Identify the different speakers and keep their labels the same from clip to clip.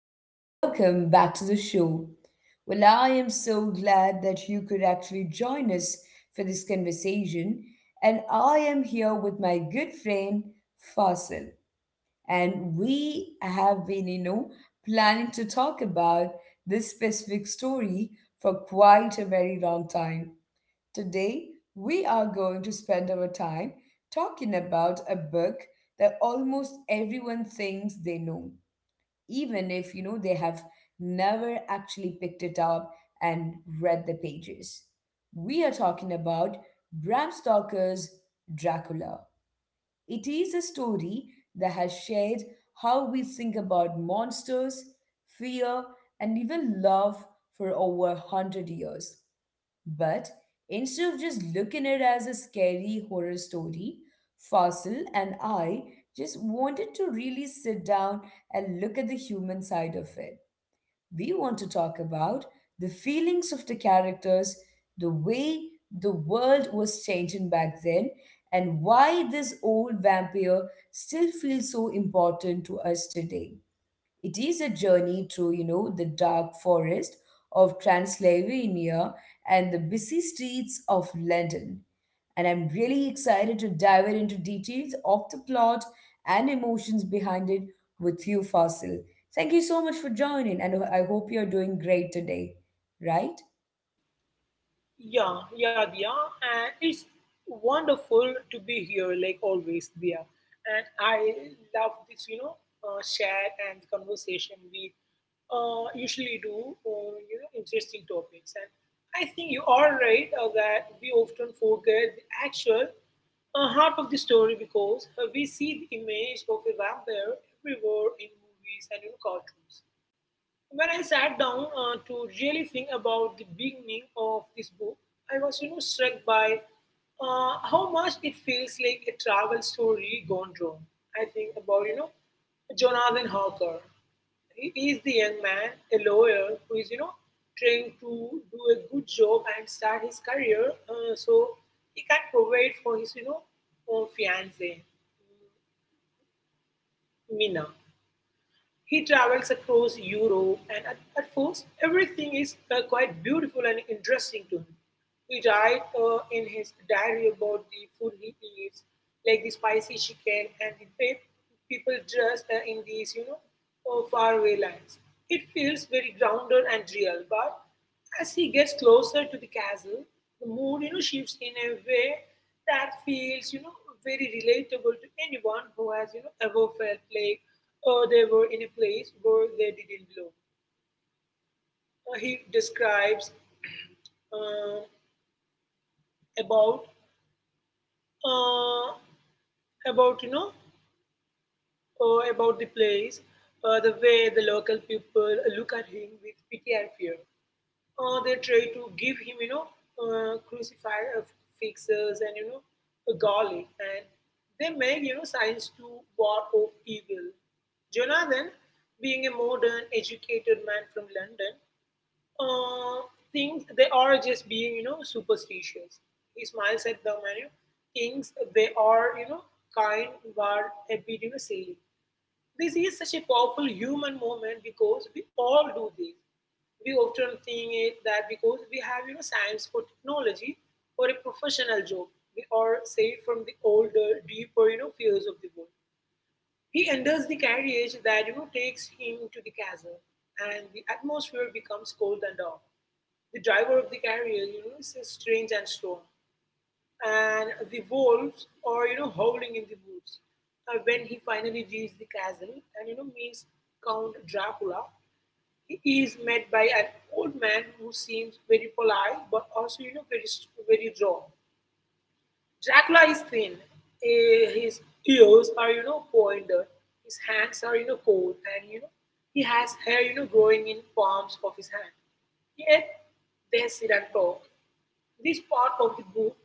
Speaker 1: and welcome back to the show. Well, I am so glad that you could actually join us for this conversation, and I am here with my good friend Fasil, and we have been, planning to talk about this specific story for quite a very long time. Today, we are going to spend our time talking about a book that almost everyone thinks they know, even if they have never actually picked it up and read the pages. We are talking about Bram Stoker's Dracula. It is a story that has shaped how we think about monsters, fear, and even love for over 100 years. But instead of just looking at it as a scary horror story, Fossil and I just wanted to really sit down and look at the human side of it. We want to talk about the feelings of the characters, the way the world was changing back then, and why this old vampire still feels so important to us today. It is a journey through, the dark forest of Transylvania and the busy streets of London. And I'm really excited to dive into details of the plot and emotions behind it with you, Fasil. Thank you so much for joining, and I hope you're doing great today, right?
Speaker 2: Yeah, yeah, Diya. And it's wonderful to be here, like always, Diya. And I love this chat and conversation we usually do on, you know, interesting topics. And I think you are right that we often forget the actual heart of the story because we see the image of a vampire everywhere in movies and in cartoons. When I sat down to really think about the beginning of this book, I was, you know, struck by how much it feels like a travel story gone wrong. I think about, you know, Jonathan Harker. He is the young man, a lawyer, who is, you know, trying to do a good job and start his career, so he can provide for his fiancee, Mina. He travels across Europe, and at first everything is quite beautiful and interesting to him. He writes in his diary about the food he eats, like the spicy chicken and the way people dressed in these faraway lands. It feels very grounded and real, but as he gets closer to the castle, the mood, you know, shifts in a way that feels, you know, very relatable to anyone who has, you know, ever felt like they were in a place where they didn't belong. He describes um, about uh, about you know about the place, the way the local people look at him with pity and fear. They try to give him, you know, crucified fixers and, you know, a garlic, and they make, you know, signs to war of evil. Jonathan, being a modern educated man from London, uh, think they are just being, you know, superstitious. He smiles at them and, you know, thinks they are, you know, kind but a bit, you know, silly. This is such a powerful human moment because we all do this. We often think it that because we have, you know, science for technology or a professional job, we are safe from the older, deeper, you know, fears of the world. He enters the carriage that, you know, takes him to the castle, and the atmosphere becomes cold and dark. The driver of the carriage, you know, is strange and strong, and the wolves are, you know, howling in the woods. When he finally reaches the castle and, you know, meets Count Dracula, he is met by an old man who seems very polite but also, you know, very very drawn. Dracula is thin, eh, his ears are, you know, pointed, his hands are, you know, cold, and, you know, he has hair, you know, growing in palms of his hand. Yet they sit and talk. This part of the book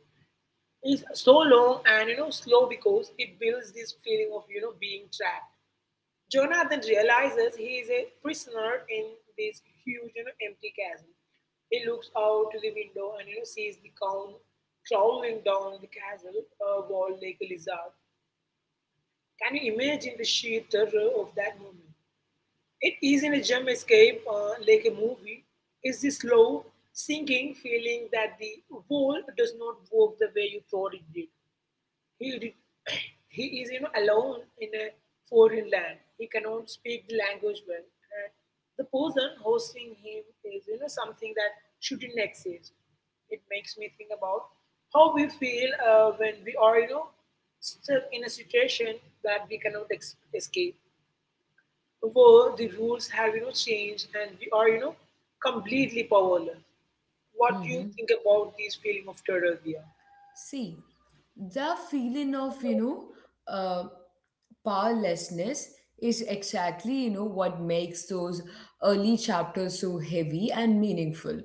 Speaker 2: is so long and, you know, slow because it builds this feeling of, you know, being trapped. Jonah then realizes he is a prisoner in this huge, you know, empty chasm. He looks out to the window and, you know, sees the count crawling down the castle wall like a lizard. Can you imagine the sheer terror of that moment? It isn't a jump escape like a movie. It's the slow sinking feeling that the wall does not work the way you thought it did. He did, he is, you know, alone in a foreign land. He cannot speak the language well. And the person hosting him is, you know, something that shouldn't exist. It makes me think about how we feel when we are, you know, stuck in a situation that we cannot escape, where the rules have, you know, changed and we are, you know, completely powerless. What do you
Speaker 1: Mm-hmm.
Speaker 2: think about this feeling of terror, Dia?
Speaker 1: See, the feeling of, uh, powerlessness is exactly, what makes those early chapters so heavy and meaningful.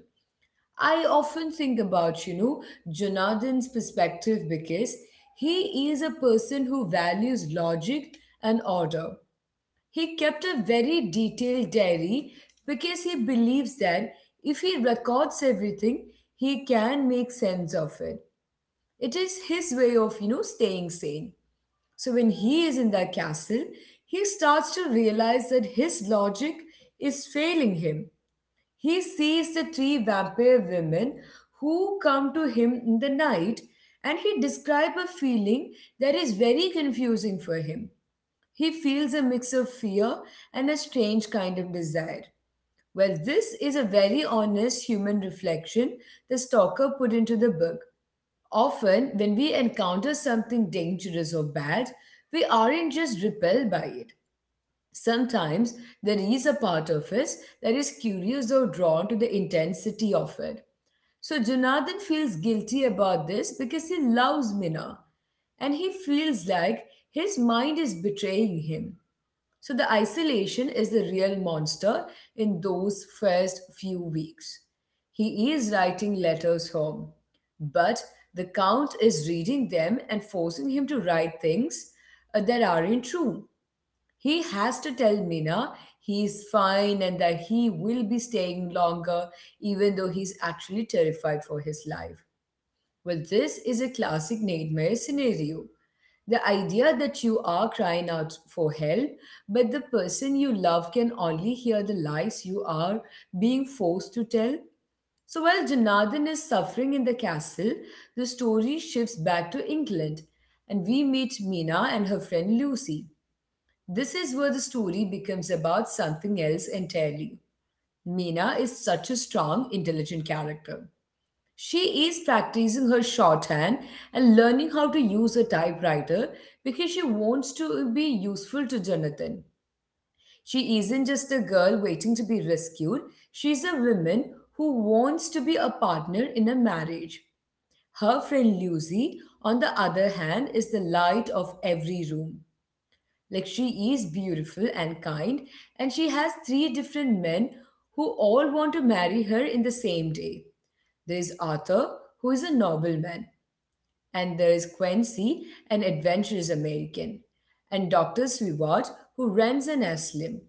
Speaker 1: I often think about, Jonathan's perspective because he is a person who values logic and order. He kept a very detailed diary because he believes that if he records everything, he can make sense of it. It is his way of, staying sane. So when he is in that castle, he starts to realize that his logic is failing him. He sees the three vampire women who come to him in the night and he describes a feeling that is very confusing for him. He feels a mix of fear and a strange kind of desire. Well, this is a very honest human reflection the stalker put into the book. Often, when we encounter something dangerous or bad, we aren't just repelled by it. Sometimes there is a part of us that is curious or drawn to the intensity of it. So Jonathan feels guilty about this because he loves Mina and he feels like his mind is betraying him. So the isolation is the real monster in those first few weeks. He is writing letters home, but the count is reading them and forcing him to write things that aren't true. He has to tell Mina he is fine and that he will be staying longer, even though he's actually terrified for his life. Well, this is a classic nightmare scenario. The idea that you are crying out for help, but the person you love can only hear the lies you are being forced to tell. So while Janardhan is suffering in the castle, the story shifts back to England, and we meet Mina and her friend Lucy. This is where the story becomes about something else entirely. Mina is such a strong, intelligent character. She is practicing her shorthand and learning how to use a typewriter because she wants to be useful to Jonathan. She isn't just a girl waiting to be rescued, she's a woman who wants to be a partner in a marriage. Her friend Lucy, on the other hand, is the light of every room. Like she is beautiful and kind, and she has three different men who all want to marry her in the same day. There is Arthur, who is a nobleman, and there is Quincy, an adventurous American, and Dr. Swivat, who runs an asylum.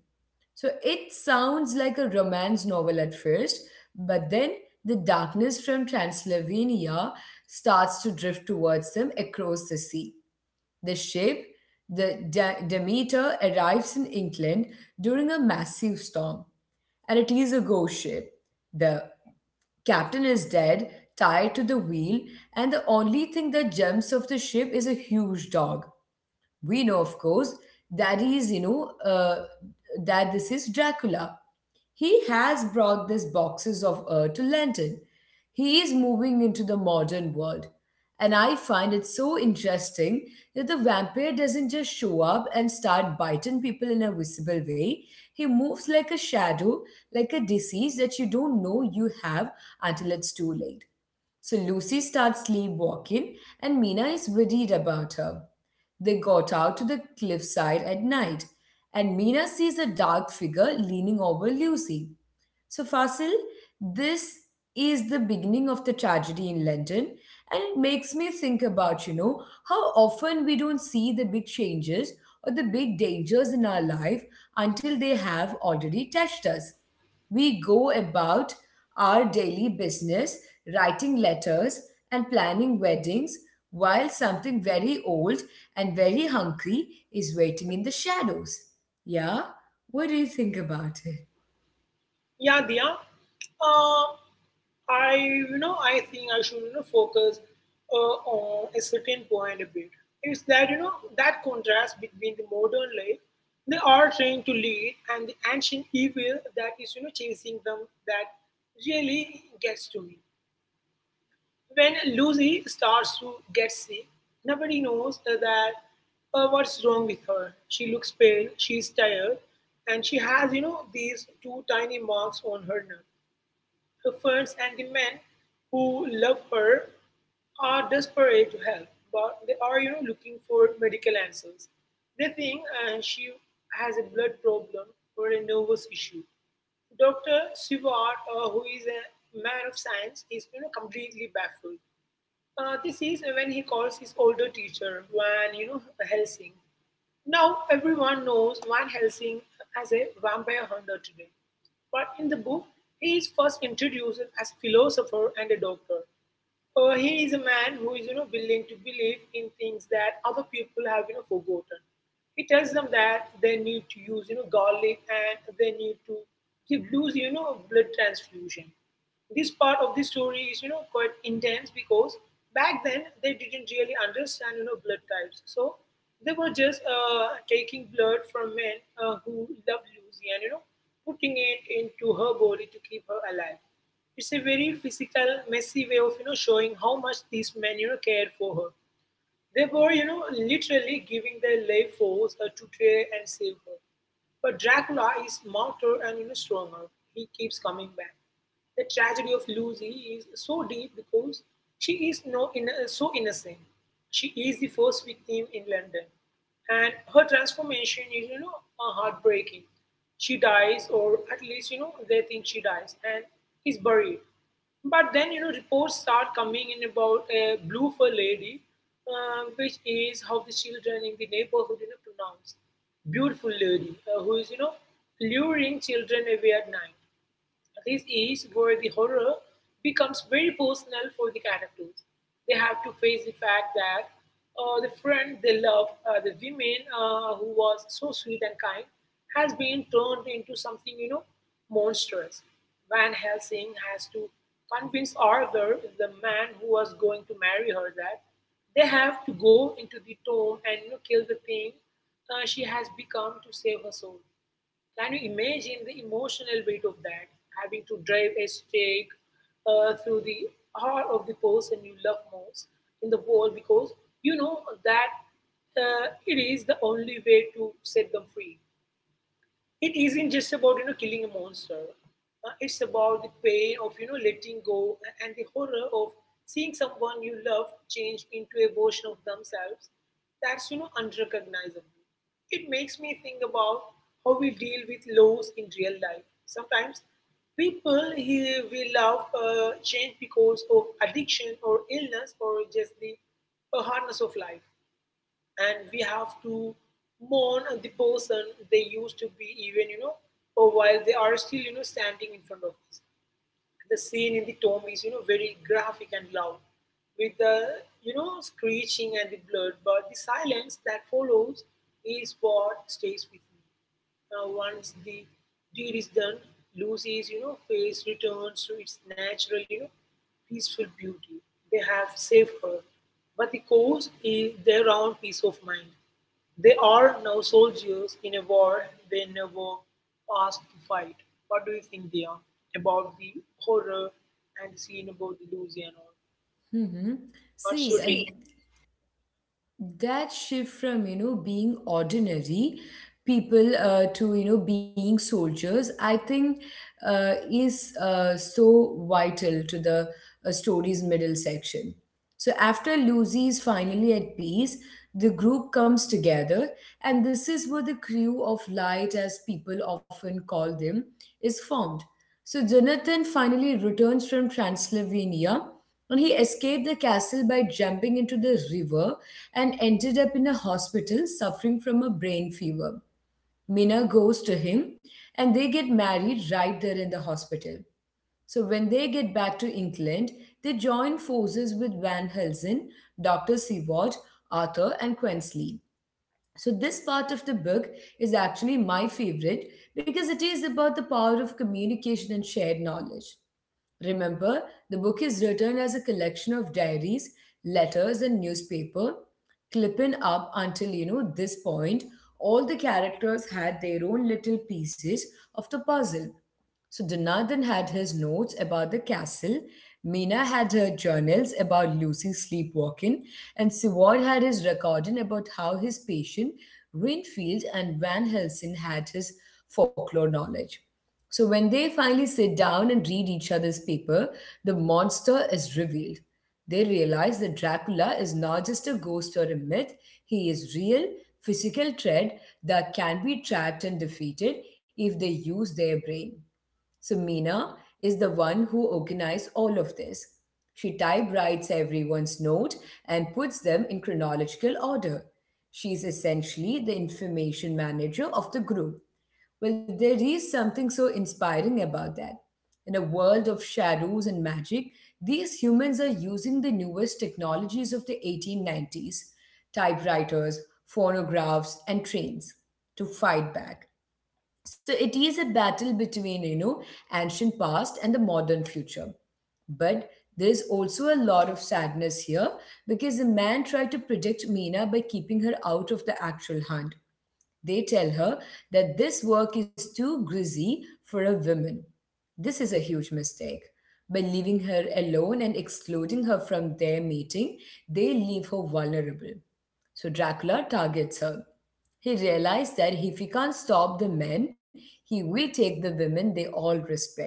Speaker 1: So it sounds like a romance novel at first, but then the darkness from Transylvania starts to drift towards them across the sea. The ship, the Demeter, arrives in England during a massive storm, and it is a ghost ship. The Captain is dead, tied to the wheel, and the only thing that jumps off the ship is a huge dog. We know, of course, that he is, you know, that this is Dracula. He has brought these boxes of earth to London. He is moving into the modern world. And I find it so interesting that the vampire doesn't just show up and start biting people in a visible way. He moves like a shadow, like a disease that you don't know you have until it's too late. So Lucy starts sleepwalking, and Mina is worried about her. They got out to the cliffside at night, and Mina sees a dark figure leaning over Lucy. So, Fasil, this is the beginning of the tragedy in London, and it makes me think about, how often we don't see the big changes or the big dangers in our life until they have already touched us. We go about our daily business, writing letters and planning weddings, while something very old and very hungry is waiting in the shadows. Yeah? What do you think about it?
Speaker 2: Yeah, Diya. Uh, I, you know, I think I should, you know, focus on a certain point a bit. It's that, you know, that contrast between the modern life they are trying to lead and the ancient evil that is, you know, chasing them that really gets to me. When Lucy starts to get sick, nobody knows that what's wrong with her. She looks pale, she's tired, and she has, you know, these two tiny marks on her neck. Her friends and the men who love her are desperate to help, but they are, you know, looking for medical answers. They think she has a blood problem or a nervous issue. Dr. Sivart, who is a man of science, is, you know, completely baffled. This is when he calls his older teacher, Van, you know, Helsing. Now everyone knows Van Helsing as a vampire hunter today. But in the book, he is first introduced as philosopher and a doctor. He is a man who is, you know, willing to believe in things that other people have, you know, forgotten. He tells them that they need to use, you know, garlic and they need to give loose, you know, blood transfusion. This part of the story is, you know, quite intense because back then they didn't really understand, you know, blood types. So they were just taking blood from men who loved Lucy and, you know, putting it into her body to keep her alive. It's a very physical, messy way of, you know, showing how much these men, you know, cared for her. They were, you know, literally giving their life force to try and save her. But Dracula is smarter and, you know, stronger. He keeps coming back. The tragedy of Lucy is so deep because she is no inno- so innocent. She is the first victim in London, and her transformation is, you know, heartbreaking. She dies, or at least, you know, they think she dies, and is buried. But then, you know, reports start coming in about a blue fur lady, which is how the children in the neighborhood, you know, pronounce beautiful lady, who is, you know, luring children away at night. This is where the horror becomes very personal for the characters. They have to face the fact that the friend they love, the woman who was so sweet and kind, has been turned into something, you know, monstrous. Van Helsing has to convince Arthur, the man who was going to marry her, that they have to go into the tomb and, you know, kill the thing she has become to save her soul. Can you imagine the emotional weight of that? Having to drive a stake through the heart of the person you love most in the world because you know that it is the only way to set them free. It isn't just about, you know, killing a monster. It's about the pain of, you know, letting go, and the horror of seeing someone you love change into a version of themselves that's, you know, unrecognizable. It makes me think about how we deal with loss in real life. Sometimes people who we love change because of addiction or illness or just the hardness of life, and we have to mourn the person they used to be, even, you know, or while they are still, you know, standing in front of us. The scene in the tomb is, you know, very graphic and loud, with the, you know, screeching and the blood. But the silence that follows is what stays with me. Now, once the deed is done, Lucy's, you know, face returns to its natural, you know, peaceful beauty. They have saved her, but the cause is their own peace of mind. They are now soldiers in a war they never asked to fight. What do you think, Dia, about the horror and the scene about Louisiana?
Speaker 1: Mm-hmm.
Speaker 2: What's
Speaker 1: See,
Speaker 2: your take? See,
Speaker 1: that shift from, being ordinary people to, being soldiers, I think is so vital to the story's middle section. So after Lucy is finally at peace, the group comes together, and this is where the crew of light, as people often call them, is formed. So Jonathan finally returns from Transylvania and he escaped the castle by jumping into the river and ended up in a hospital suffering from a brain fever. Minna goes to him and they get married right there in the hospital. So when they get back to England, they join forces with Van Helsing, Dr. Seward, Arthur, and Quensley. So this part of the book is actually my favorite because it is about the power of communication and shared knowledge. Remember, the book is written as a collection of diaries, letters, and newspaper clipping up until this point, all the characters had their own little pieces of the puzzle. So Jonathan had his notes about the castle, Mina had her journals about Lucy sleepwalking, and Seward had his recording about how his patient Winfield and Van Helsing had his folklore knowledge. So when they finally sit down and read each other's paper, the monster is revealed. They realize that Dracula is not just a ghost or a myth, he is real, physical threat that can be tracked and defeated if they use their brain. So Mina is the one who organized all of this. She typewrites everyone's note and puts them in chronological order. She is essentially the information manager of the group. Well, there is something so inspiring about that. In a world of shadows and magic, these humans are using the newest technologies of the 1890s, typewriters, phonographs, and trains to fight back. So it is a battle between, ancient past and the modern future. But there is also a lot of sadness here because the man tried to protect Mina by keeping her out of the actual hunt. They tell her that this work is too greasy for a woman. This is a huge mistake. By leaving her alone and excluding her from their meeting, they leave her vulnerable. So Dracula targets her. He realized that if he can't stop the men, he will take the women they all respect.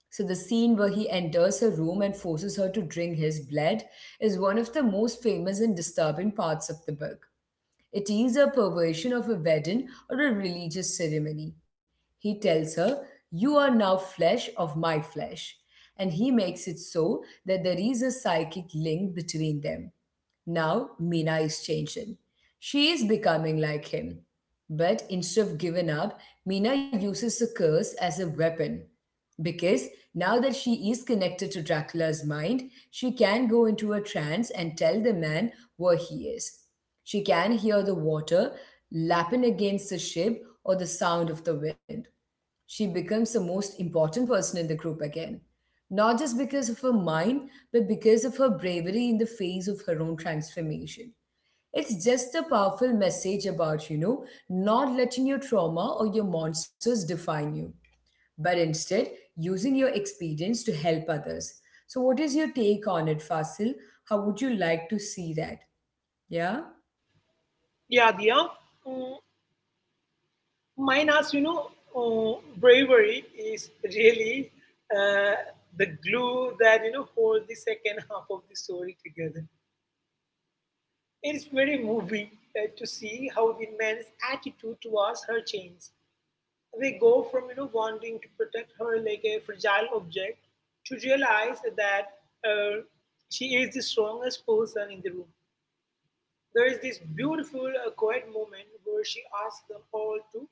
Speaker 1: So the scene where he enters her room and forces her to drink his blood is one of the most famous and disturbing parts of the book. It is a perversion of a wedding or a religious ceremony. He tells her, "You are now flesh of my flesh." And he makes it so that there is a psychic link between them. Now Mina is changing. She is becoming like him. But instead of giving up, Mina uses the curse as a weapon. Because now that she is connected to Dracula's mind, she can go into a trance and tell the man where he is. She can hear the water lapping against the ship or the sound of the wind. She becomes the most important person in the group again, not just because of her mind, but because of her bravery in the face of her own transformation. It's just a powerful message about, not letting your trauma or your monsters define you but instead using your experience to help others. So, what is your take on it, Fasil? How would you like to see that? Yeah?
Speaker 2: yeah, Dia, mm, mine as you know, bravery is really uh, the glue that, you know, holds the second half of the story together. It's very moving to see how the men's attitude towards her changes. They go from, you know, wanting to protect her like a fragile object to realize that uh, she is the strongest person in the room. There is this beautiful, quiet moment where she asks them all to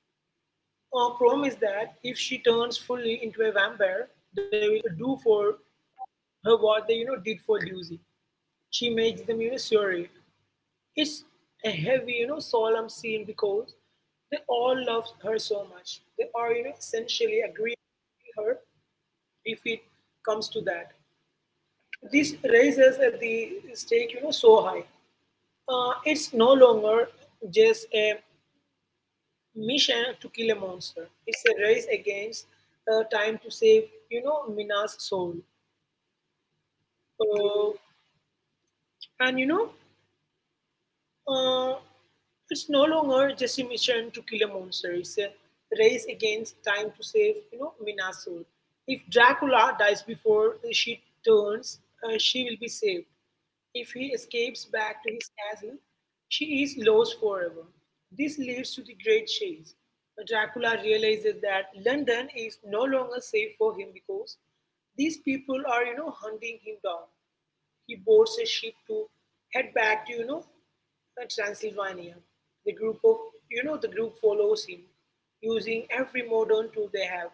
Speaker 2: promise that if she turns fully into a vampire, they will do for her what they, you know, did for Lucy. She makes them, you know, sorry. It's a heavy, you know, solemn scene because they all love her so much. They are, you know, essentially agreeing with her if it comes to that. This raises the stake, you know, so high. It's no longer just a mission to kill a monster. It's a race against time to save, you know, Mina's soul. Uh, and you know, Uh, it's no longer just a mission to kill a monster. It's a race against time to save, Mina's soul. If Dracula dies before she turns, she will be saved. If he escapes back to his castle, she is lost forever. This leads to the Great Chase. Dracula realizes that London is no longer safe for him because these people are, hunting him down. He boards a ship to head back to, Transylvania. The group of, you know, The group follows him, using every modern tool they have.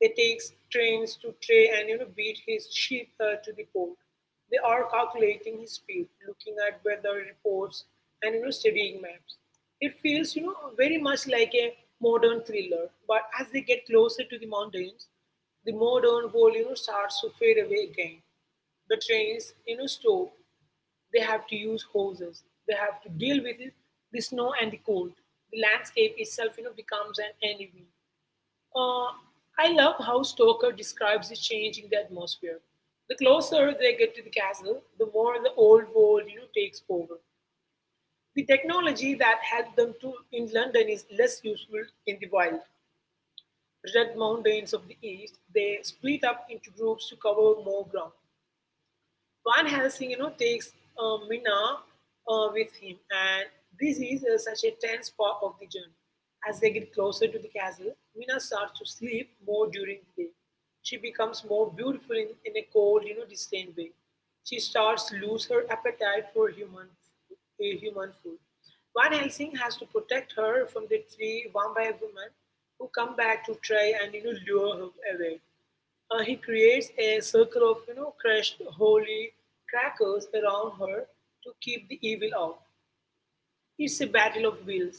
Speaker 2: They take trains to try and, beat his ship to the port. They are calculating his speed, looking at weather reports and, studying maps. It feels, very much like a modern thriller. But as they get closer to the mountains, the modern world, starts to fade away again. The trains stop. They have to use hoses, they have to deal with it, the snow and the cold. The landscape itself becomes an enemy. uh, I love how Stoker describes the change in the atmosphere. The closer they get to the castle, the more the old world takes over. The technology that helped them to in London is less useful in the wild red mountains of the east. They split up into groups to cover more ground. Van Helsing, takes Minna with him, and this is such a tense part of the journey. As they get closer to the castle, Minna starts to sleep more during the day. She becomes more beautiful in a cold, distant way. She starts to lose her appetite for human food. Van Helsing has to protect her from the three vampire women who come back to try and lure her away. He creates a circle of crushed holy crackers around her to keep the evil out. It's a battle of wills.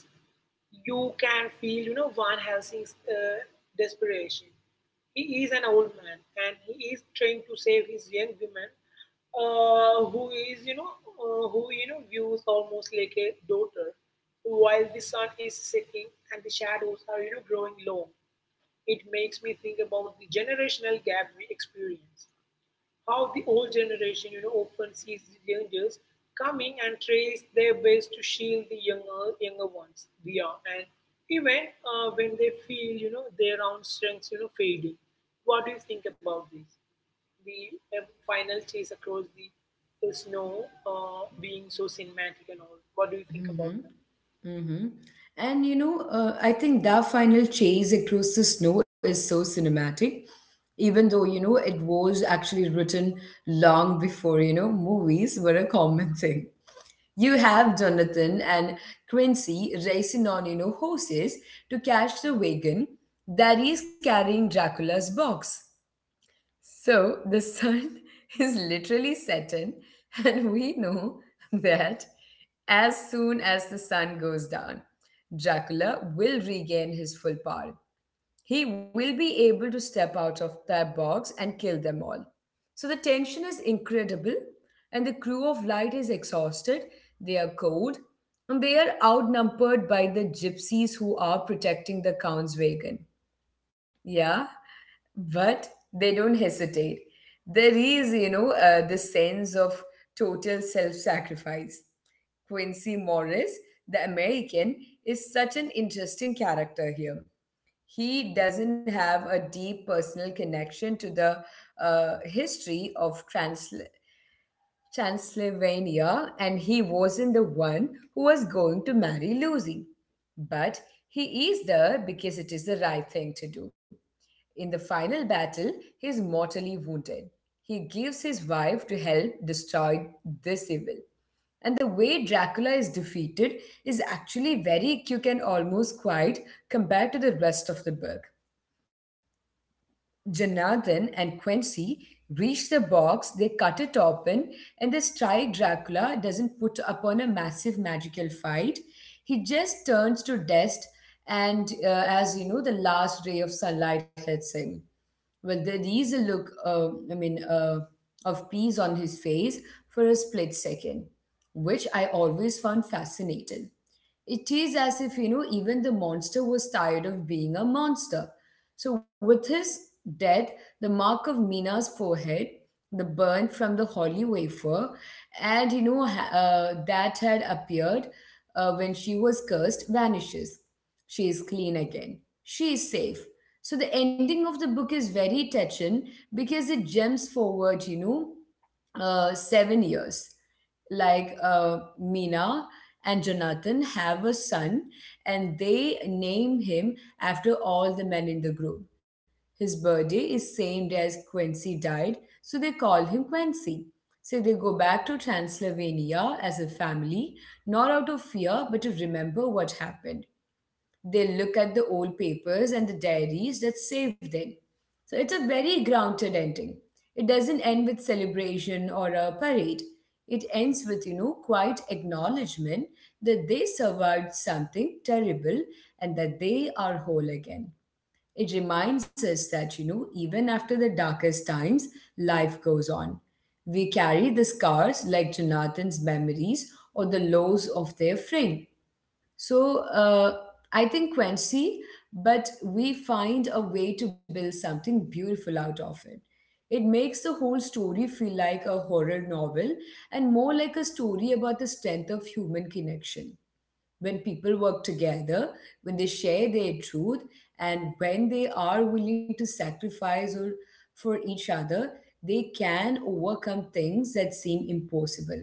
Speaker 2: You can feel Van Helsing's desperation. He is an old man and he is trying to save his young woman, who views almost like a daughter, while the sun is setting and the shadows are growing long. It makes me think about the generational gap we experience. How the old generation, often sees the dangers coming and tries their best to shield the younger ones. We are, and even when they feel, their own strengths, fading. What do you think about this? The final chase across the snow being so cinematic and all. What do you think about
Speaker 1: Hmm.
Speaker 2: that?
Speaker 1: Mm-hmm. And I think that final chase across the snow is so cinematic, even though, it was actually written long before, movies were a common thing. You have Jonathan and Quincy racing on, horses to catch the wagon that is carrying Dracula's box. So the sun is literally setting, and we know that as soon as the sun goes down, Dracula will regain his full power. He will be able to step out of that box and kill them all. So the tension is incredible, and the crew of light is exhausted, they are cold, and they are outnumbered by the gypsies who are protecting the Count's wagon. Yeah, but they don't hesitate. There is, this sense of total self sacrifice. Quincy Morris, the American, is such an interesting character here. He doesn't have a deep personal connection to the history of Transylvania, and he wasn't the one who was going to marry Lucy. But he is there because it is the right thing to do. In the final battle, he is mortally wounded. He gives his wife to help destroy this evil. And the way Dracula is defeated is actually very quick and almost quiet compared to the rest of the book. Jonathan and Quincy reach the box, they cut it open, and this tri Dracula doesn't put upon a massive magical fight. He just turns to dust, and as you know, the last ray of sunlight hits him. Well, there is a look, of peace on his face for a split second, which I always found fascinating. It is as if, you know, even the monster was tired of being a monster. So, with his death, the mark of Mina's forehead, the burn from the holy wafer, and, you know, that had appeared when she was cursed, vanishes. She is clean again. She is safe. So the ending of the book is very touching because it jumps forward, 7 years. Mina and Jonathan have a son, and they name him after all the men in the group. His birthday is same day as Quincy died, so they call him Quincy. So they go back to Transylvania as a family, not out of fear, but to remember what happened. They look at the old papers and the diaries that saved them. So it's a very grounded ending. It doesn't end with celebration or a parade. It ends with, you know, quiet acknowledgement that they survived something terrible and that they are whole again. It reminds us that, you know, even after the darkest times, life goes on. We carry the scars like Jonathan's memories or the loss of their friend. So uh, I think Quincy, but we find a way to build something beautiful out of it. It makes the whole story feel like a horror novel and more like a story about the strength of human connection when people work together, when they share their truth, and when they are willing to sacrifice or for each other, they can overcome things that seem impossible.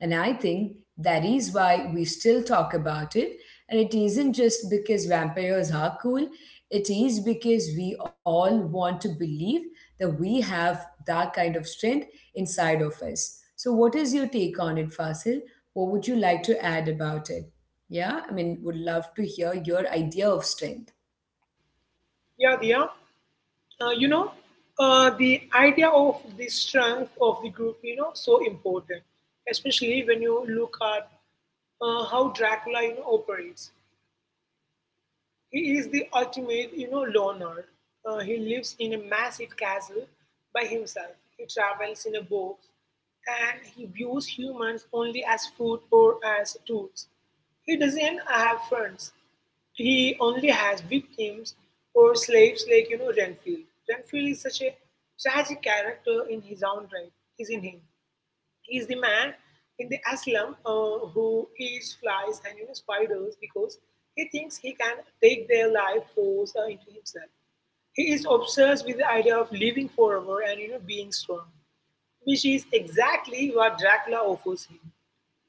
Speaker 1: And I think that is why we still talk about it. And it isn't just because vampires are cool, it is because we all want to believe that we have that kind of strength inside of us. So, what is your take on it, Fasil? What would you like to add about it? Yeah, I mean, would love to hear your idea of strength.
Speaker 2: Yeah, Dia. uh, you know, the idea of the strength of the group, so important, especially when you look at how Dracula operates. He is the ultimate, loner. He lives in a massive castle by himself. He travels in a boat and he views humans only as food or as tools. He doesn't have friends. He only has victims or slaves like, Renfield. Renfield is such a tragic character in his own right, isn't he? Is the man in the asylum who eats flies and spiders because he thinks he can take their life force into himself. He is obsessed with the idea of living forever and being strong, which is exactly what Dracula offers him.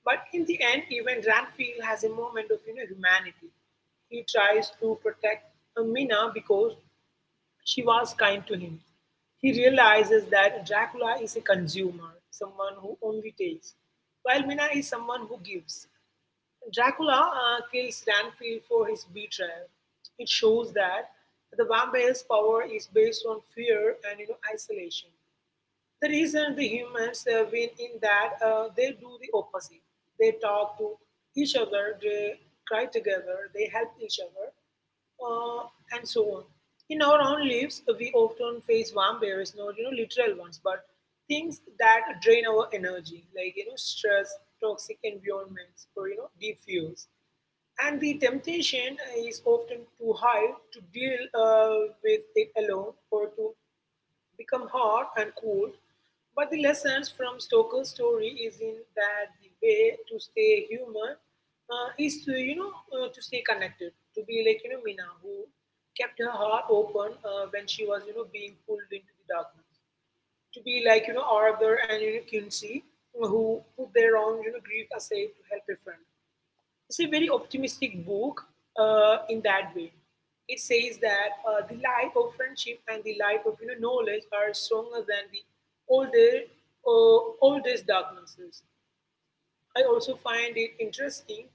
Speaker 2: But in the end, even Ranfield has a moment of humanity. He tries to protect Mina because she was kind to him. He realizes that Dracula is a consumer, someone who only takes, while Mina is someone who gives. Dracula kills Ranfield for his betrayal. It shows that the vampire's power is based on fear and, isolation. The reason the humans win in that they do the opposite. They talk to each other, they cry together, they help each other, uh, and so on. In our own lives, we often face vampires, not literal ones, but things that drain our energy, like stress, toxic environments, or deep fuels. And the temptation is often too high to deal with it alone or to become hot and cold, but the lessons from Stoker's story is in that the way to stay human is to to stay connected, to be like Mina who kept her heart open when she was being pulled into the darkness, to be like Arthur and Kinsey who put their own grief aside to help a friend. It's a very optimistic book in that way. It says that the life of friendship and the life of knowledge are stronger than the older oldest darknesses. I also find it interesting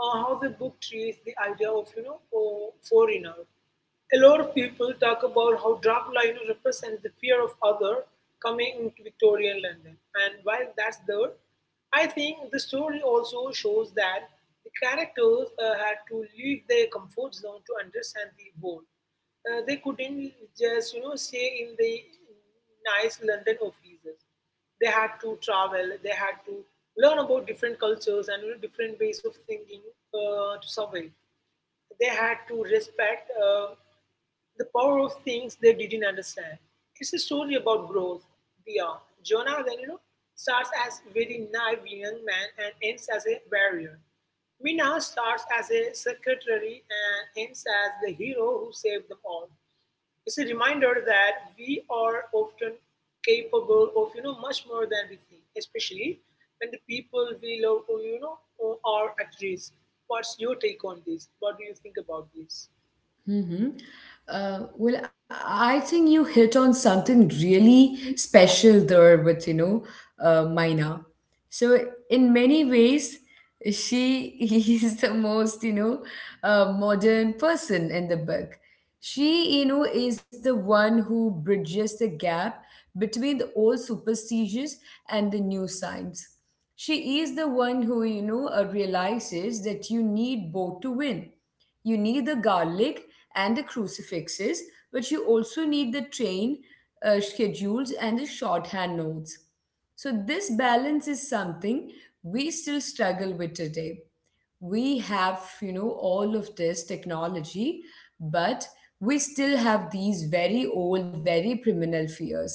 Speaker 2: how the book treats the idea of, foreigner. A lot of people talk about how Dracula, represents the fear of other coming into Victorian London. And while that's there, I think the story also shows that the characters had to leave their comfort zone to understand the world. They couldn't just, stay in the nice London offices. They had to travel, they had to learn about different cultures and, different ways of thinking to survive. They had to respect the power of things they didn't understand. It's a story about growth beyond. Jonah then, starts as very naive young man and ends as a warrior. Mina starts as a secretary and ends as the hero who saved them all. It's a reminder that we are often capable of much more than we think, especially when the people we love are at risk. What's your take on this? What do you think about this?
Speaker 1: Mm-hmm. Well, I think you hit on something really special there with, Maina. So, in many ways, she is the most, modern person in the book. She, you know, is the one who bridges the gap between the old superstitions and the new science. She is the one who, realizes that you need both to win. You need the garlic and the crucifixes, but you also need the train schedules and the shorthand notes. So, this balance is something we still struggle with today. We have, you know, all of this technology, but we still have these very old, very criminal fears.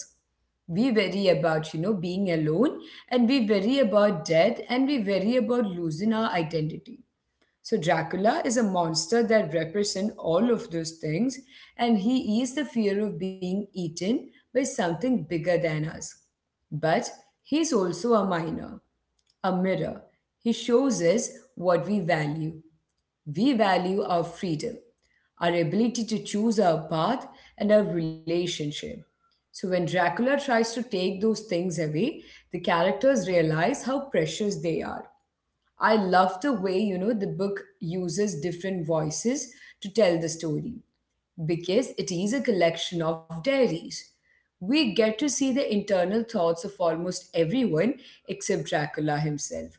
Speaker 1: We worry about, you know, being alone, and we worry about death, and we worry about losing our identity. So Dracula is a monster that represents all of those things, and he is the fear of being eaten by something bigger than us. But he's also a miner, a mirror. He shows us what we value. We value our freedom, our ability to choose our path, and our relationship. So when Dracula tries to take those things away, the characters realize how precious they are. I love the way, you know, the book uses different voices to tell the story because it is a collection of diaries. We get to see the internal thoughts of almost everyone except Dracula himself.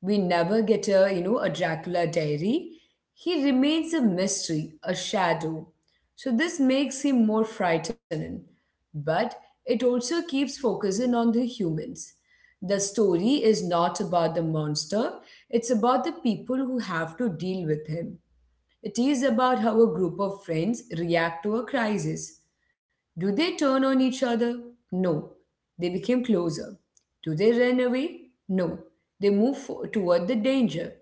Speaker 1: We never get a Dracula diary. He remains a mystery, a shadow. So this makes him more frightening. But it also keeps focusing on the humans. The story is not about the monster, it's about the people who have to deal with him. It is about how a group of friends react to a crisis. Do they turn on each other? No. They became closer. Do they run away? No. They move toward the danger.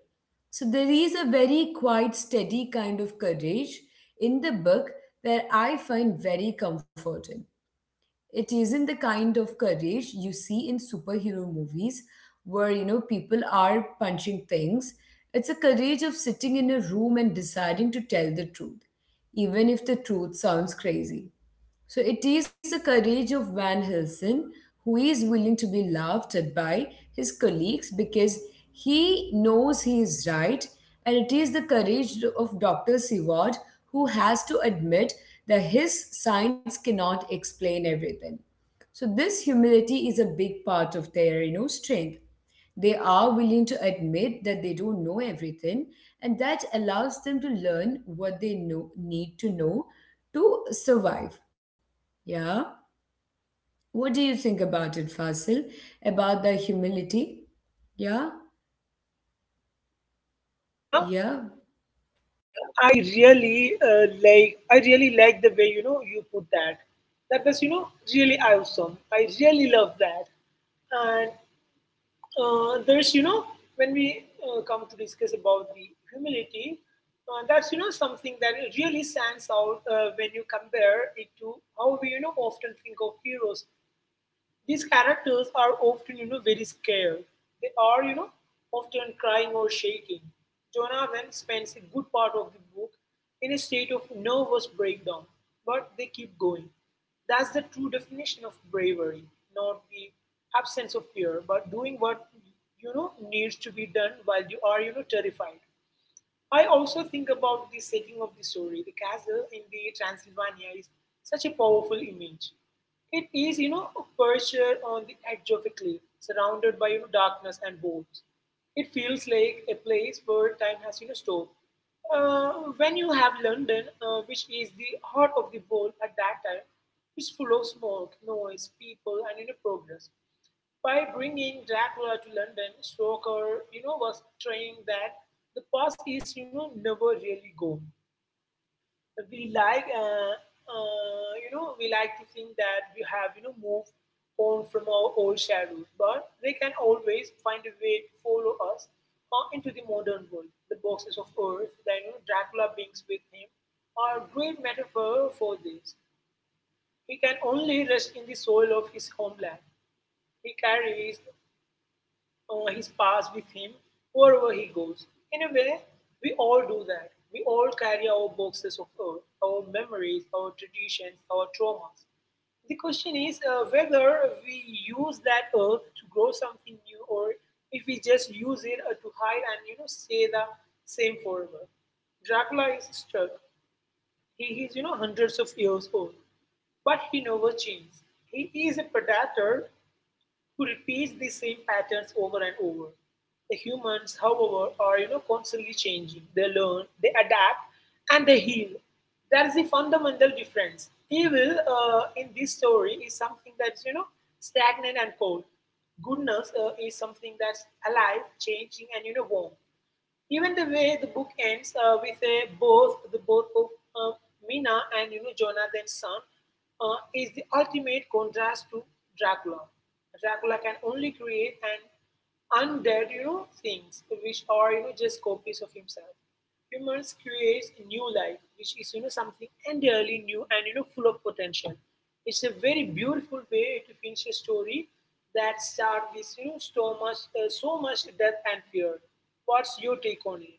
Speaker 1: So there is a very quiet, steady kind of courage in the book that I find very comforting. It isn't the kind of courage you see in superhero movies where you know people are punching things. It's a courage of sitting in a room and deciding to tell the truth even if the truth sounds crazy. So it is the courage of Van Helsing who is willing to be laughed at by his colleagues because he knows he is right, and it is the courage of Dr. Seward who has to admit that his science cannot explain everything. So this humility is a big part of their, you know, strength. They are willing to admit that they don't know everything, and that allows them to learn what they know, need to know to survive. Yeah. What do you think about it, Fasil? About the humility? Yeah.
Speaker 2: Yeah,
Speaker 1: Yeah.
Speaker 2: I really I really like the way you put that. That was really awesome. I really love that, and there's when we come to discuss about the humility that's something that really stands out when you compare it to how we often think of heroes. These characters are often, very scared. They are, often crying or shaking. Donovan spends a good part of the book in a state of nervous breakdown, but they keep going. That's the true definition of bravery, not the absence of fear, but doing what needs to be done while you are, terrified. I also think about the setting of the story. The castle in the Transylvania is such a powerful image. It is, a perched on the edge of a cliff, surrounded by, darkness and boats. It feels like a place where time has, stopped. When you have London, which is the heart of the world at that time, it's full of smoke, noise, people, and, progress. By bringing Dracula to London, Stoker, was saying that the past is, never really gone. We we like to think that we have, moved on from our old shadows, but they can always find a way to follow us into the modern world. The boxes of earth that, Dracula brings with him are a great metaphor for this. He can only rest in the soil of his homeland. He carries his past with him wherever he goes. In a way, we all do that. We all carry our boxes of earth, our memories, our traditions, our traumas. The question is whether we use that earth to grow something new or if we just use it to hide and say the same forever. Dracula is stuck. He is hundreds of years old, but he never changes. He is a predator who repeats the same patterns over and over. The humans, however, are constantly changing. They learn, they adapt, and they heal. That is the fundamental difference. Evil in this story is something that's stagnant and cold. Goodness is something that's alive, changing, and warm. Even the way the book ends with a both the both of uh, Mina and, Jonathan's son is the ultimate contrast to Dracula. Dracula can only create an undead things which are just copies of himself. Humans creates a new life, which is something entirely new and full of potential. It's a very beautiful way to finish a story that starts with so much so much death and fear. What's your take on it?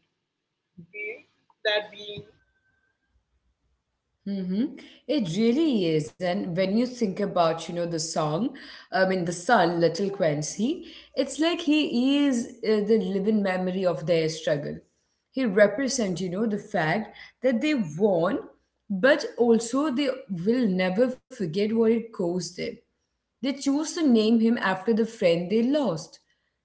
Speaker 2: Be, that being
Speaker 1: Mm-hmm. It really is. And when you think about, you know, the son, Little Quincy, it's like he is the living memory of their struggle. He represents, you know, the fact that they won, but also they will never forget what it cost them. They choose to name him after the friend they lost.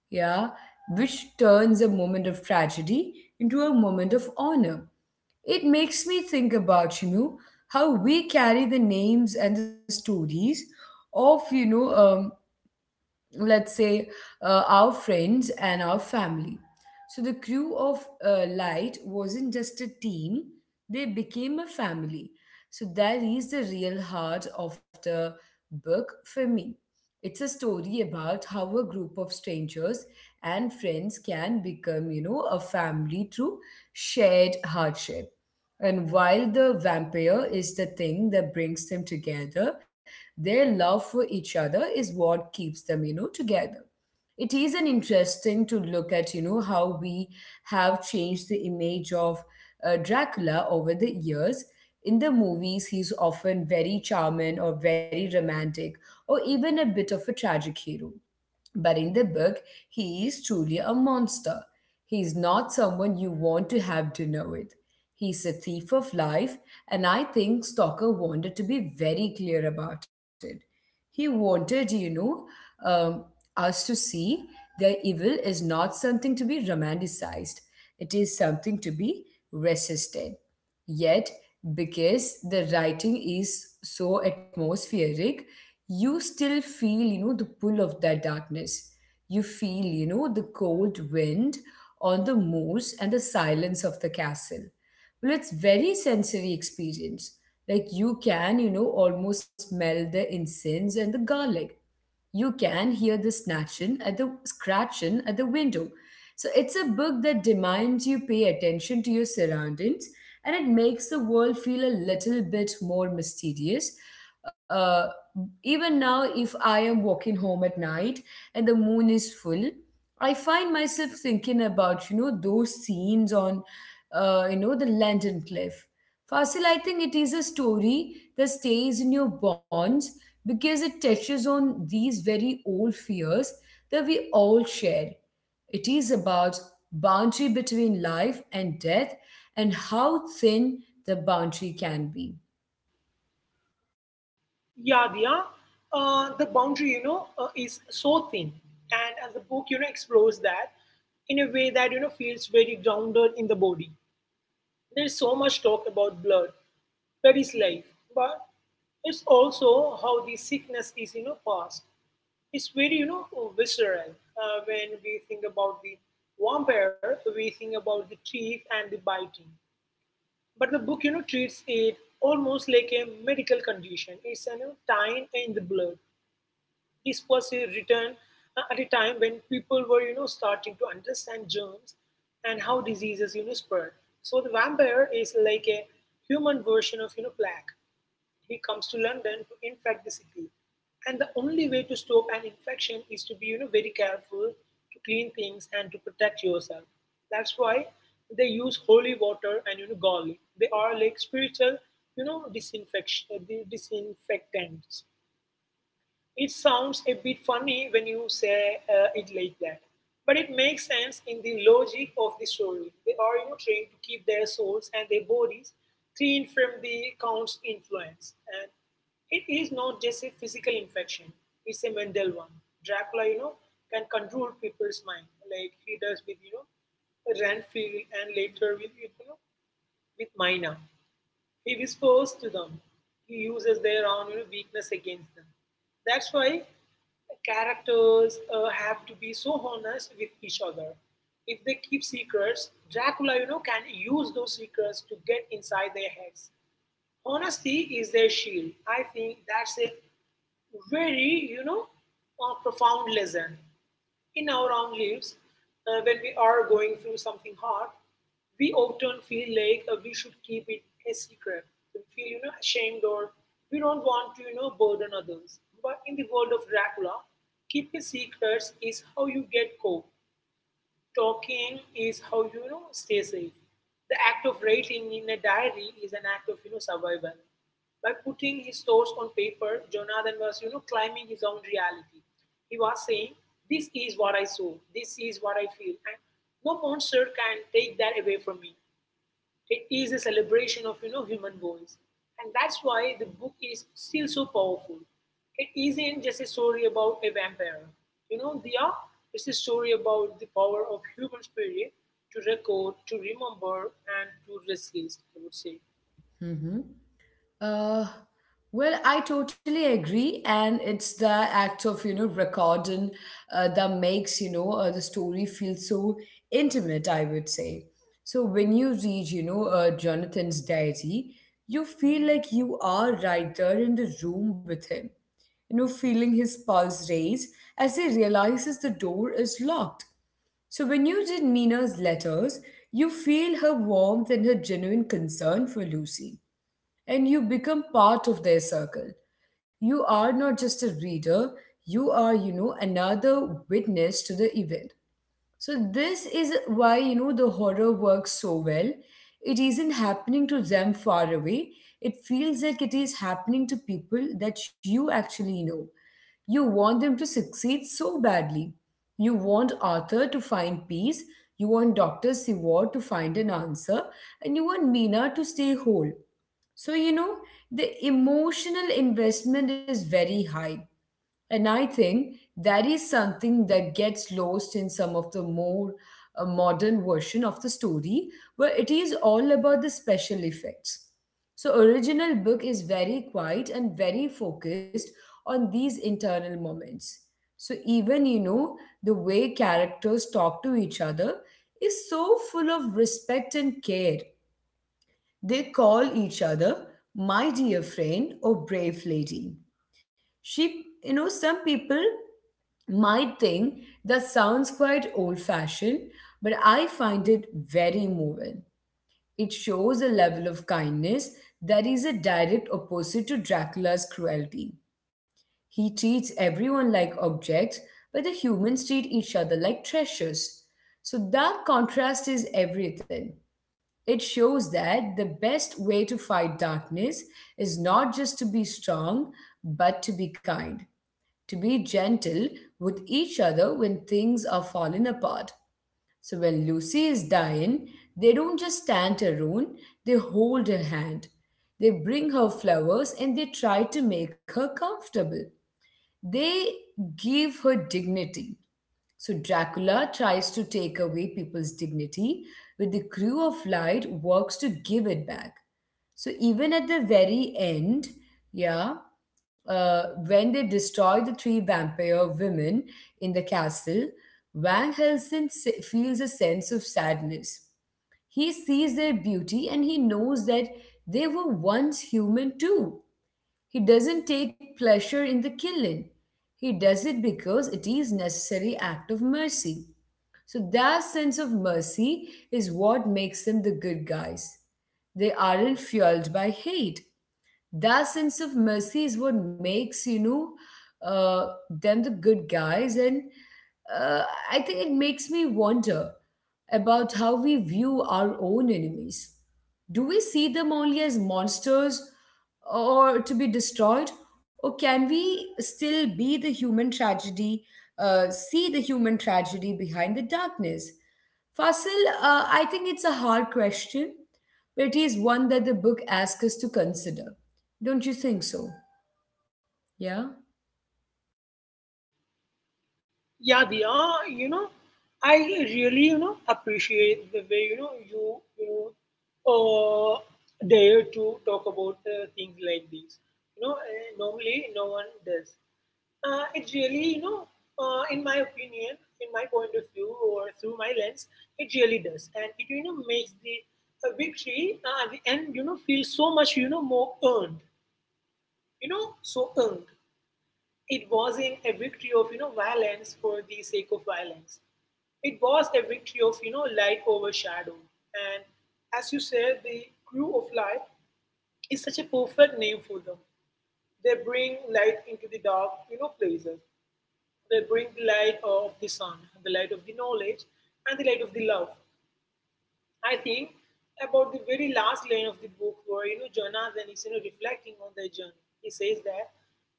Speaker 1: Yeah, which turns a moment of tragedy into a moment of honor. It makes me think about, you know, how we carry the names and the stories of, let's say, our friends and our family. So the crew of Light wasn't just a team, they became a family. So that is the real heart of the book for me. It's a story about how a group of strangers and friends can become, you know, a family through shared hardship. And while the vampire is the thing that brings them together, their love for each other is what keeps them, you know, together. It is an interesting to look at, you know, how we have changed the image of Dracula over the years. In the movies, he's often very charming or very romantic, or even a bit of a tragic hero. But in the book, he is truly a monster. He is not someone you want to have dinner with. He's a thief of life, and I think Stalker wanted to be very clear about it. He wanted, um, us to see that evil is not something to be romanticized, it is something to be resisted. Yet, because the writing is so atmospheric, you still feel you know the pull of that darkness. You feel you know the cold wind on the moors and the silence of the castle. Well, it's very sensory experience. Like, you can you know almost smell the incense and the garlic. You can hear the scratching at the window. So it's a book that demands you pay attention to your surroundings and it makes the world feel a little bit more mysterious. Uh, Even now, if I am walking home at night and the moon is full, I find myself thinking about, you know, those scenes on, the London cliff. Fasil, I think it is a story that stays in your bones because it touches on these very old fears that we all share. It is about boundary between life and death and how thin the boundary can be.
Speaker 2: Yadia, the boundary is so thin, and as the book explores that in a way that feels very grounded in the body. There's so much talk about blood. That is life. But it's also how the sickness is, passed. It's very, visceral. When we think about the vampire, we think about the teeth and the biting. But the book, treats it almost like a medical condition. It's, time in the blood. This was written at a time when people were, starting to understand germs and how diseases, spread. So the vampire is like a human version of, plague. He comes to London to infect the city, and the only way to stop an infection is to be, very careful to clean things and to protect yourself. That's why they use holy water and garlic. They are like spiritual, you know, disinfection, disinfectants. It sounds a bit funny when you say it like that, but it makes sense in the logic of the story. They are trained to keep their souls and their bodies clean from the count's influence. And it is not just a physical infection, it's a mental one. Dracula, can control people's mind like he does with, Renfield and later with Mina. He whispers to them. He uses their own weakness against them. That's why characters have to be so honest with each other. If they keep secrets, Dracula, can use those secrets to get inside their heads. Honesty is their shield. I think that's a very, a profound lesson. In our own lives, when we are going through something hard, we often feel like we should keep it a secret. We feel, ashamed or we don't want to, burden others. But in the world of Dracula, keeping secrets is how you get caught. Talking is how stay safe. The act of writing in a diary is an act of survival. By putting his thoughts on paper, Jonathan was climbing his own reality. He was saying, "This is what I saw. This is what I feel, and no monster can take that away from me." It is a celebration of human voice, and that's why the book is still so powerful. It isn't just a story about a vampire. You know, Dia, it's a story about the power of human spirit to record, to remember, and to resist. I would say,
Speaker 1: Mhm. Uh, well, I totally agree, and it's the act of you know recording that makes you know the story feel so intimate. I would say, so when you read Jonathan's diary, you feel like you are right there in the room with him, you know, feeling his pulse raise as he realizes the door is locked. So when you read Mina's letters, you feel her warmth and her genuine concern for Lucy and you become part of their circle. You are not just a reader, you are, another witness to the event. This is why, the horror works so well. It isn't happening to them far away, it feels like it is happening to people that you actually know. You want them to succeed so badly. You want Arthur to find peace, you want Dr. Seward to find an answer, and you want Mina to stay whole. So, you know, the emotional investment is very high. And I think that is something that gets lost in some of the more modern version of the story, where it is all about the special effects. So, original book is very quiet and very focused on these internal moments. So, even, the way characters talk to each other is so full of respect and care. They call each other my dear friend or brave lady. She, some people might think that sounds quite old fashioned, but I find it very moving. It shows a level of kindness that is a direct opposite to Dracula's cruelty. He treats everyone like objects, but the humans treat each other like treasures. So that contrast is everything. It shows that the best way to fight darkness is not just to be strong, but to be kind, to be gentle with each other when things are falling apart. So when Lucy is dying, they don't just stand her own, they hold her hand. They bring her flowers and they try to make her comfortable. They give her dignity. So Dracula tries to take away people's dignity, but the crew of light works to give it back. So even at the very end, yeah, when they destroy the three vampire women in the castle, Van Helsing feels a sense of sadness. He sees their beauty and he knows that they were once human too. He doesn't take pleasure in the killing. He does it because it is necessary act of mercy. So that sense of mercy is what makes them the good guys. They aren't fueled by hate. That sense of mercy is what makes, them the good guys. And uh, I think it makes me wonder about how we view our own enemies. Do we see them only as monsters or to be destroyed? Or can we still be the human tragedy, see the human tragedy behind the darkness? Fasil, I think it's a hard question, but it is one that the book asks us to consider. Don't you think so? Yeah.
Speaker 2: yeah, Dia, you know, I really appreciate the way you know you you know uh, dare to talk about things like this. You know, normally no one does. It really, in my opinion, in my point of view, or through my lens, it really does, and it makes the victory at the end, feel so much, more earned, so earned. It wasn't a victory of violence for the sake of violence. It was a victory of light over shadow, and as you said, the crew of light is such a perfect name for them. They bring light into the dark, places. They bring the light of the sun, the light of the knowledge, and the light of the love. I think about the very last line of the book where Jonathan is reflecting on their journey. He says that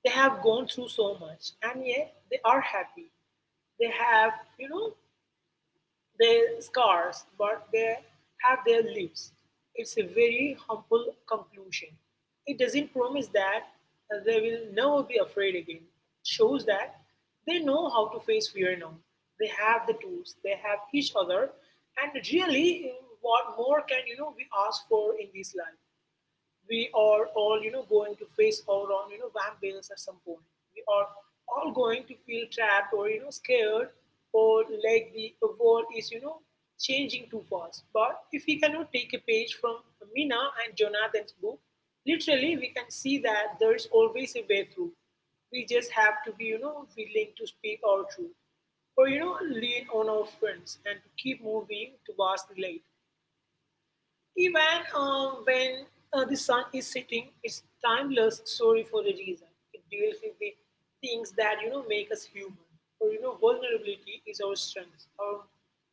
Speaker 2: they have gone through so much and yet they are happy. They have, you know, their scars, but they have their lives. It's a very humble conclusion. It doesn't promise that they will never be afraid again. It shows that they know how to face fear now. They have the tools, they have each other, and really, what more can we ask for in this life? We are all going to face our own vampires at some point. We are all going to feel trapped or scared or like the world is changing too fast. But if we cannot take a page from Mina and Jonathan's book, literally, we can see that there is always a way through. We just have to be willing to speak our truth or lean on our friends and to keep moving towards the light, even when the sun is setting. It's timeless story for a reason. It deals with the things that make us human. Or you know, vulnerability is our strength. Our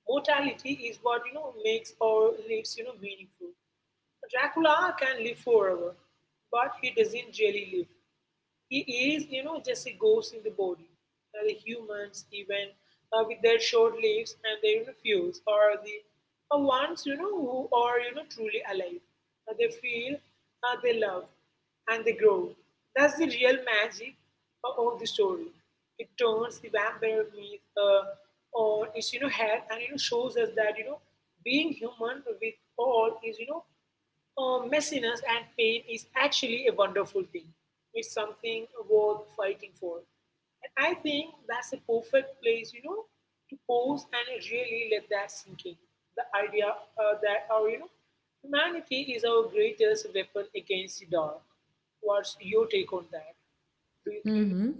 Speaker 2: mortality is what makes our lives meaningful. Dracula can live forever, but he doesn't really live. He is, just a ghost in the body. The humans, even with their short lives and their refuse, are the ones, who are, truly alive. They feel, they love, and they grow. That's the real magic of the story. It turns the vampire myth on its, head and, shows us that, being human with all is, messiness and pain is actually a wonderful thing. It's something worth fighting for. And I think that's a perfect place, to pause and really let that sink in. The idea that our, humanity is our greatest weapon against the dark. What's your take on that? Do you think so?
Speaker 1: Hmm.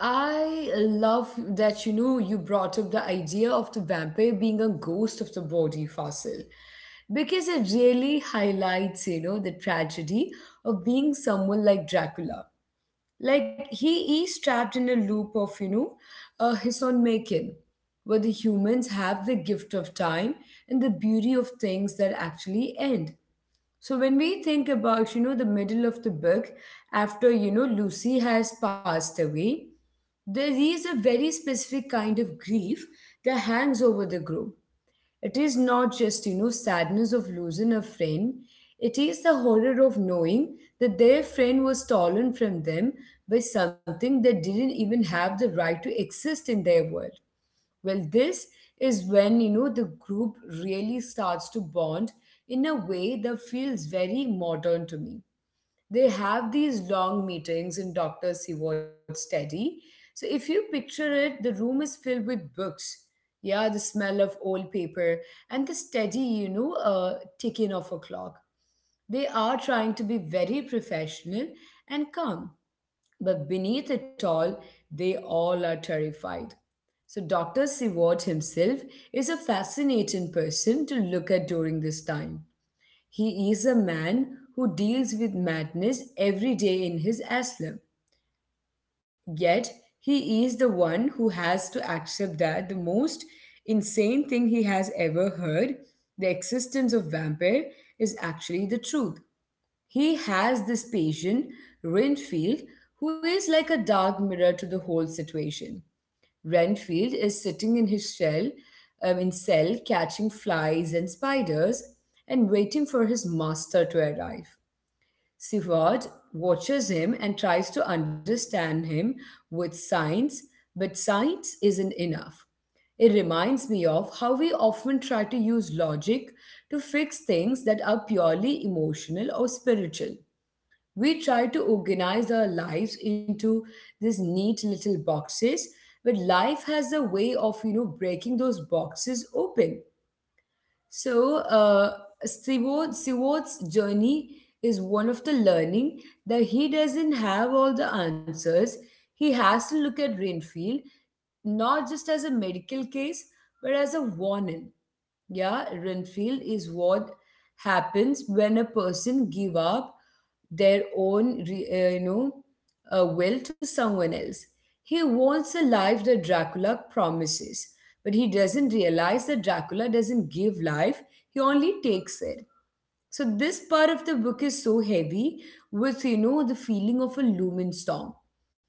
Speaker 1: I love that you brought up the idea of the vampire being a ghost of the body, fossil, because it really highlights, the tragedy of being someone like Dracula. Like he is trapped in a loop of, his own making, where the humans have the gift of time and the beauty of things that actually end. So when we think about, the middle of the book after, Lucy has passed away, there is a very specific kind of grief that hangs over the group. It is not just, sadness of losing a friend. It is the horror of knowing that their friend was stolen from them by something that didn't even have the right to exist in their world. Well, this is when the group really starts to bond in a way that feels very modern to me. They have these long meetings in Dr. Seward's study. So if you picture it, the room is filled with books. Yeah, the smell of old paper and the steady, ticking of a clock. They are trying to be very professional and calm, but beneath it all, they all are terrified. So, Dr. Seward himself is a fascinating person to look at during this time. He is a man who deals with madness every day in his asylum. Yet, he is the one who has to accept that the most insane thing he has ever heard, the existence of vampire, is actually the truth. He has this patient, Renfield, who is like a dark mirror to the whole situation. Renfield is sitting in his shell, in cell, catching flies and spiders and waiting for his master to arrive. Sivard watches him and tries to understand him with science, but science isn't enough. It reminds me of how we often try to use logic to fix things that are purely emotional or spiritual. We try to organize our lives into these neat little boxes, but life has a way of, breaking those boxes open. So, Seward's journey is one of the learning that he doesn't have all the answers. He has to look at Rainfield not just as a medical case, but as a warning. Yeah, Renfield is what happens when a person give up their own will to someone else. He wants a life that Dracula promises, but he doesn't realize that Dracula doesn't give life, he only takes it. So, this part of the book is so heavy with, the feeling of a lumen storm.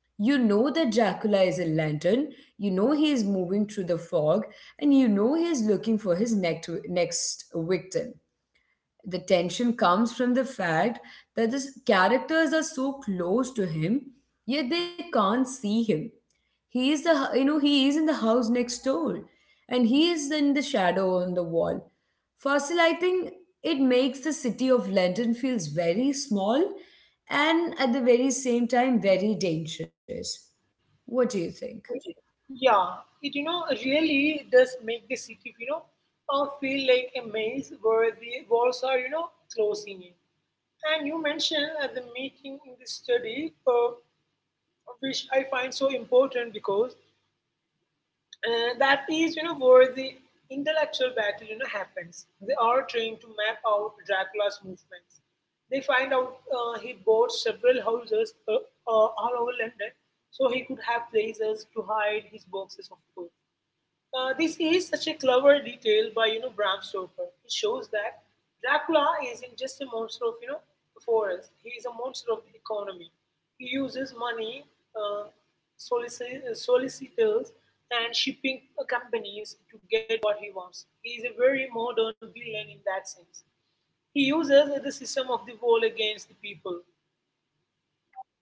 Speaker 1: You know that Dracula is a lantern, you know he is moving through the fog, and you know he is looking for his next victim. The tension comes from the fact that the characters are so close to him yet they can't see him. He is the you know he is in the house next door and he is in the shadow on the wall. Fossil, I think it makes the city of London feels very small and at the very same time very dangerous. What do you think?
Speaker 2: Okay. Yeah, it really does make the city feel like a maze where the walls are closing in. And you mentioned at the meeting in this study, which I find so important because that is, where the intellectual battle, happens. They are trying to map out Dracula's movements. They find out he bought several houses all over London, so he could have places to hide his boxes of books. This is such a clever detail by Bram Stoker. It shows that Dracula isn't just a monster of the forest. He is a monster of the economy. He uses money, uh, solicitors, and shipping companies to get what he wants. He is a very modern villain in that sense. He uses the system of the world against the people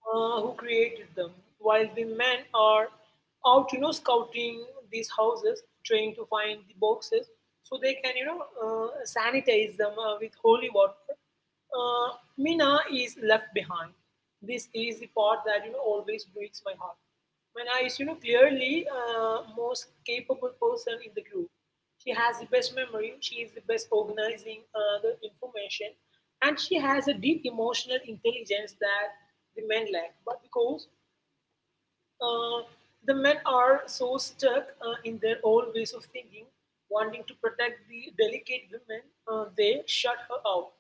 Speaker 2: who created them, while the men are out, scouting these houses, trying to find the boxes, so they can, sanitize them with holy water. Uh, Mina is left behind. This is the part that, always breaks my heart. Mina is, clearly most capable person in the group. She has the best memory, she is the best organizing the information, and she has a deep emotional intelligence that the men lack. But because uh, the men are so stuck in their old ways of thinking, wanting to protect the delicate women, they shut her out.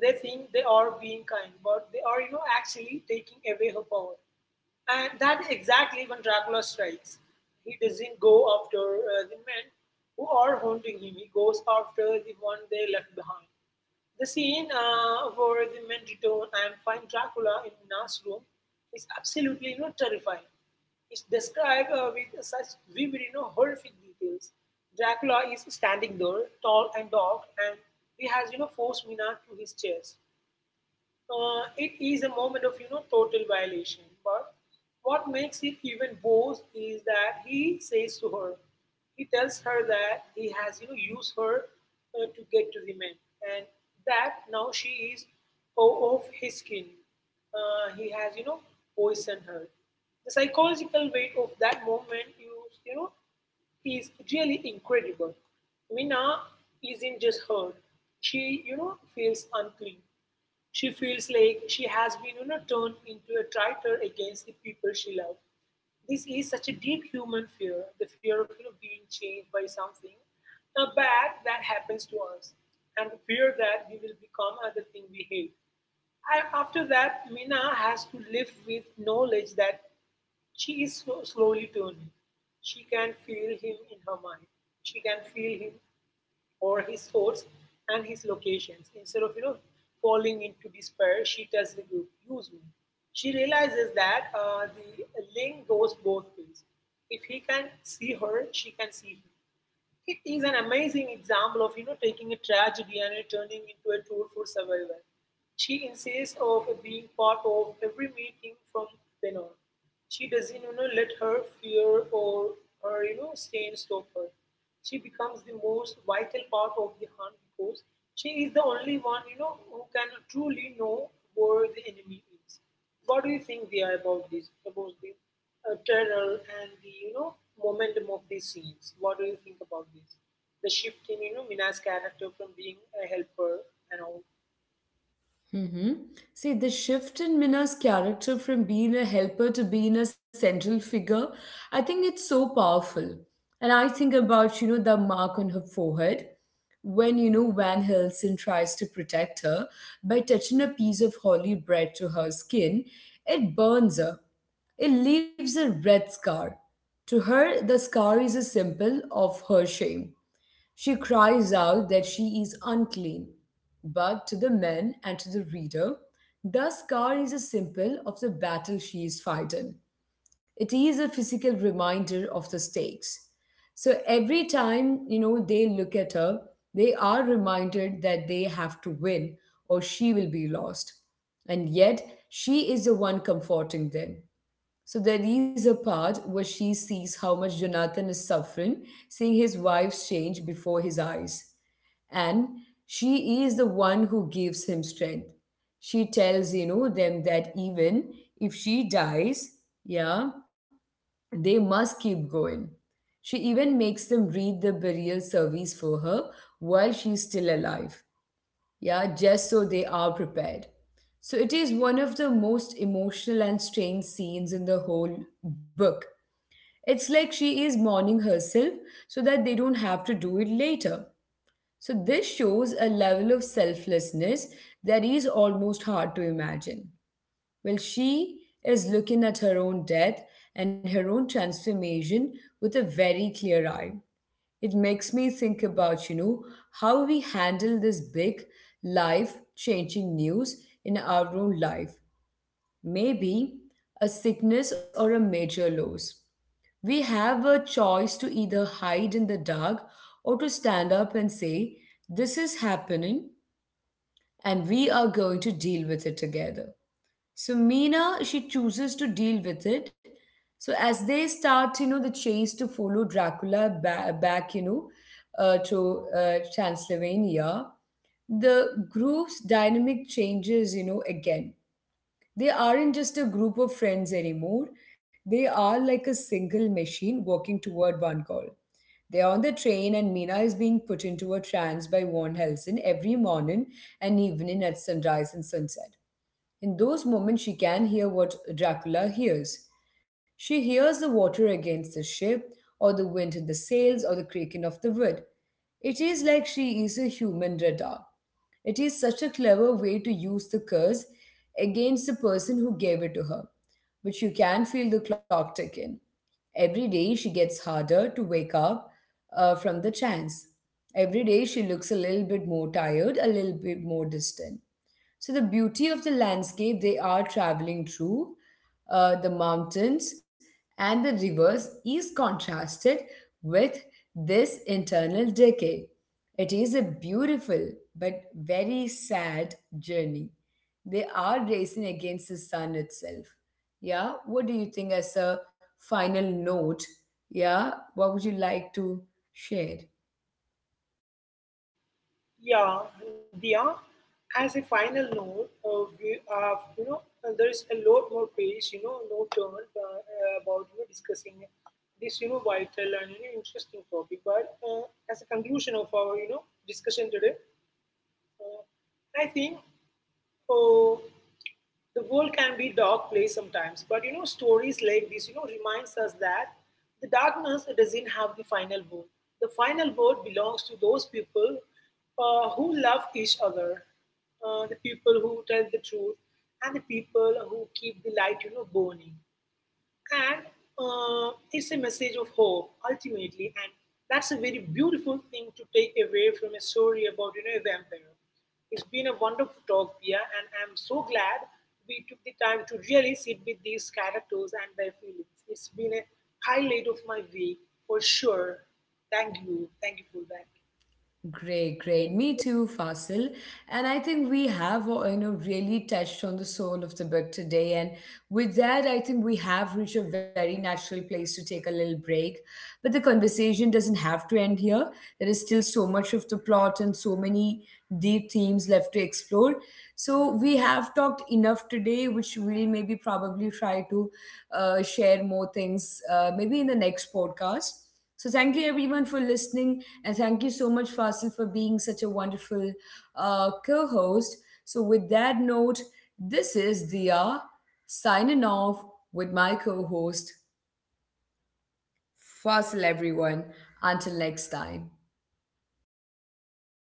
Speaker 2: They think they are being kind, but they are, actually taking away her power. And that is exactly when Dracula strikes. He doesn't go after the men who are haunting him, he goes after the one they left behind. The scene where the men return and find Dracula in Nina's room is absolutely terrifying. It's described with such vivid, horrific details. Dracula is standing there, tall and dark, and he has, forced Mina to his chest. It is a moment of total violation. But what makes it even worse is that he says to her, he tells her that he has used her to get to the men, and that now she is of his skin. He has poisoned her. The psychological weight of that moment, you know, is really incredible. Mina isn't just hurt; she feels unclean. She feels like she has been, turned into a traitor against the people she loved. This is such a deep human fear, the fear of being changed by something bad that happens to us, and the fear that we will become the thing we hate. And after that, Mina has to live with knowledge that she is so slowly turning. She can feel him in her mind. She can feel him or his thoughts and his locations. Instead of falling into despair, she tells the group, "Use me." She realizes that the link goes both ways. If he can see her, she can see him. It is an amazing example of taking a tragedy and turning into a tool for survival. She insists of being part of every meeting from then on. She doesn't let her fear or her stain stop her. She becomes the most vital part of the hunt because she is the only one who can truly know where the enemy is. What do you think, Dia, about this, about the trailer and the momentum of these scenes? What do you think about this? The shift in Mina's character from being a helper and all.
Speaker 1: Mm-hmm. See, the shift in Minna's character from being a helper to being a central figure, I think it's so powerful. And I think about, the mark on her forehead. When, Van Helsing tries to protect her by touching a piece of holy bread to her skin, it burns her. It leaves a red scar. To her, the scar is a symbol of her shame. She cries out that she is unclean. But to the men and to the reader, the scar is a symbol of the battle she is fighting. It is a physical reminder of the stakes. So every time, they look at her, they are reminded that they have to win or she will be lost. And yet, she is the one comforting them. So there is a part where she sees how much Jonathan is suffering, seeing his wife's change before his eyes. And she is the one who gives him strength. She tells, them that even if she dies, yeah, they must keep going. She even makes them read the burial service for her while she's still alive. Yeah, just so they are prepared. So it is one of the most emotional and strange scenes in the whole book. It's like she is mourning herself so that they don't have to do it later. So, this shows a level of selflessness that is almost hard to imagine. Well, she is looking at her own death and her own transformation with a very clear eye. It makes me think about, how we handle this big life changing news in our own life, maybe a sickness or a major loss. We have a choice to either hide in the dark or to stand up and say, this is happening and we are going to deal with it together. So Mina, she chooses to deal with it. So as they start, the chase to follow Dracula back, to Transylvania, the group's dynamic changes, again. They aren't just a group of friends anymore. They are like a single machine working toward one goal. They're on the train, and Mina is being put into a trance by Von Helsing every morning and evening at sunrise and sunset. In those moments, she can hear what Dracula hears. She hears the water against the ship, or the wind in the sails, or the creaking of the wood. It is like she is a human radar. It is such a clever way to use the curse against the person who gave it to her. But you can feel the clock ticking. Every day she gets harder to wake up from the trance. Every day she looks a little bit more tired, a little bit more distant. So, the beauty of the landscape they are traveling through, the mountains and the rivers, is contrasted with this internal decay. It is a beautiful but very sad journey. They are racing against the sun itself. Yeah, what do you think as a final note? Yeah, what would you like to share?
Speaker 2: Yeah, Dia. As a final note, we have there is a lot more page no turn about discussing this vital and interesting topic. But as a conclusion of our discussion today. Uh, I think oh, the world can be dark place sometimes. But you know, stories like this, reminds us that the darkness doesn't have the final word. The final word belongs to those people who love each other, the people who tell the truth, and the people who keep the light, burning. And it's a message of hope, ultimately. And that's a very beautiful thing to take away from a story about, a vampire. It's been a wonderful talk, Pia, and I'm so glad we took the time to really sit with these characters and their feelings. It's been a highlight of my week for sure. Thank you. Thank you for that.
Speaker 1: Great, great. Me too, Fasil. And I think we have, really touched on the soul of the book today. And with that, I think we have reached a very natural place to take a little break. But the conversation doesn't have to end here. There is still so much of the plot and so many deep themes left to explore. So we have talked enough today, which we'll maybe probably try to share more things maybe in the next podcast. So thank you everyone for listening, and thank you so much, Fasil, for being such a wonderful co-host. So with that note, this is Dia signing off with my co-host Fuzzle, everyone. Until next time.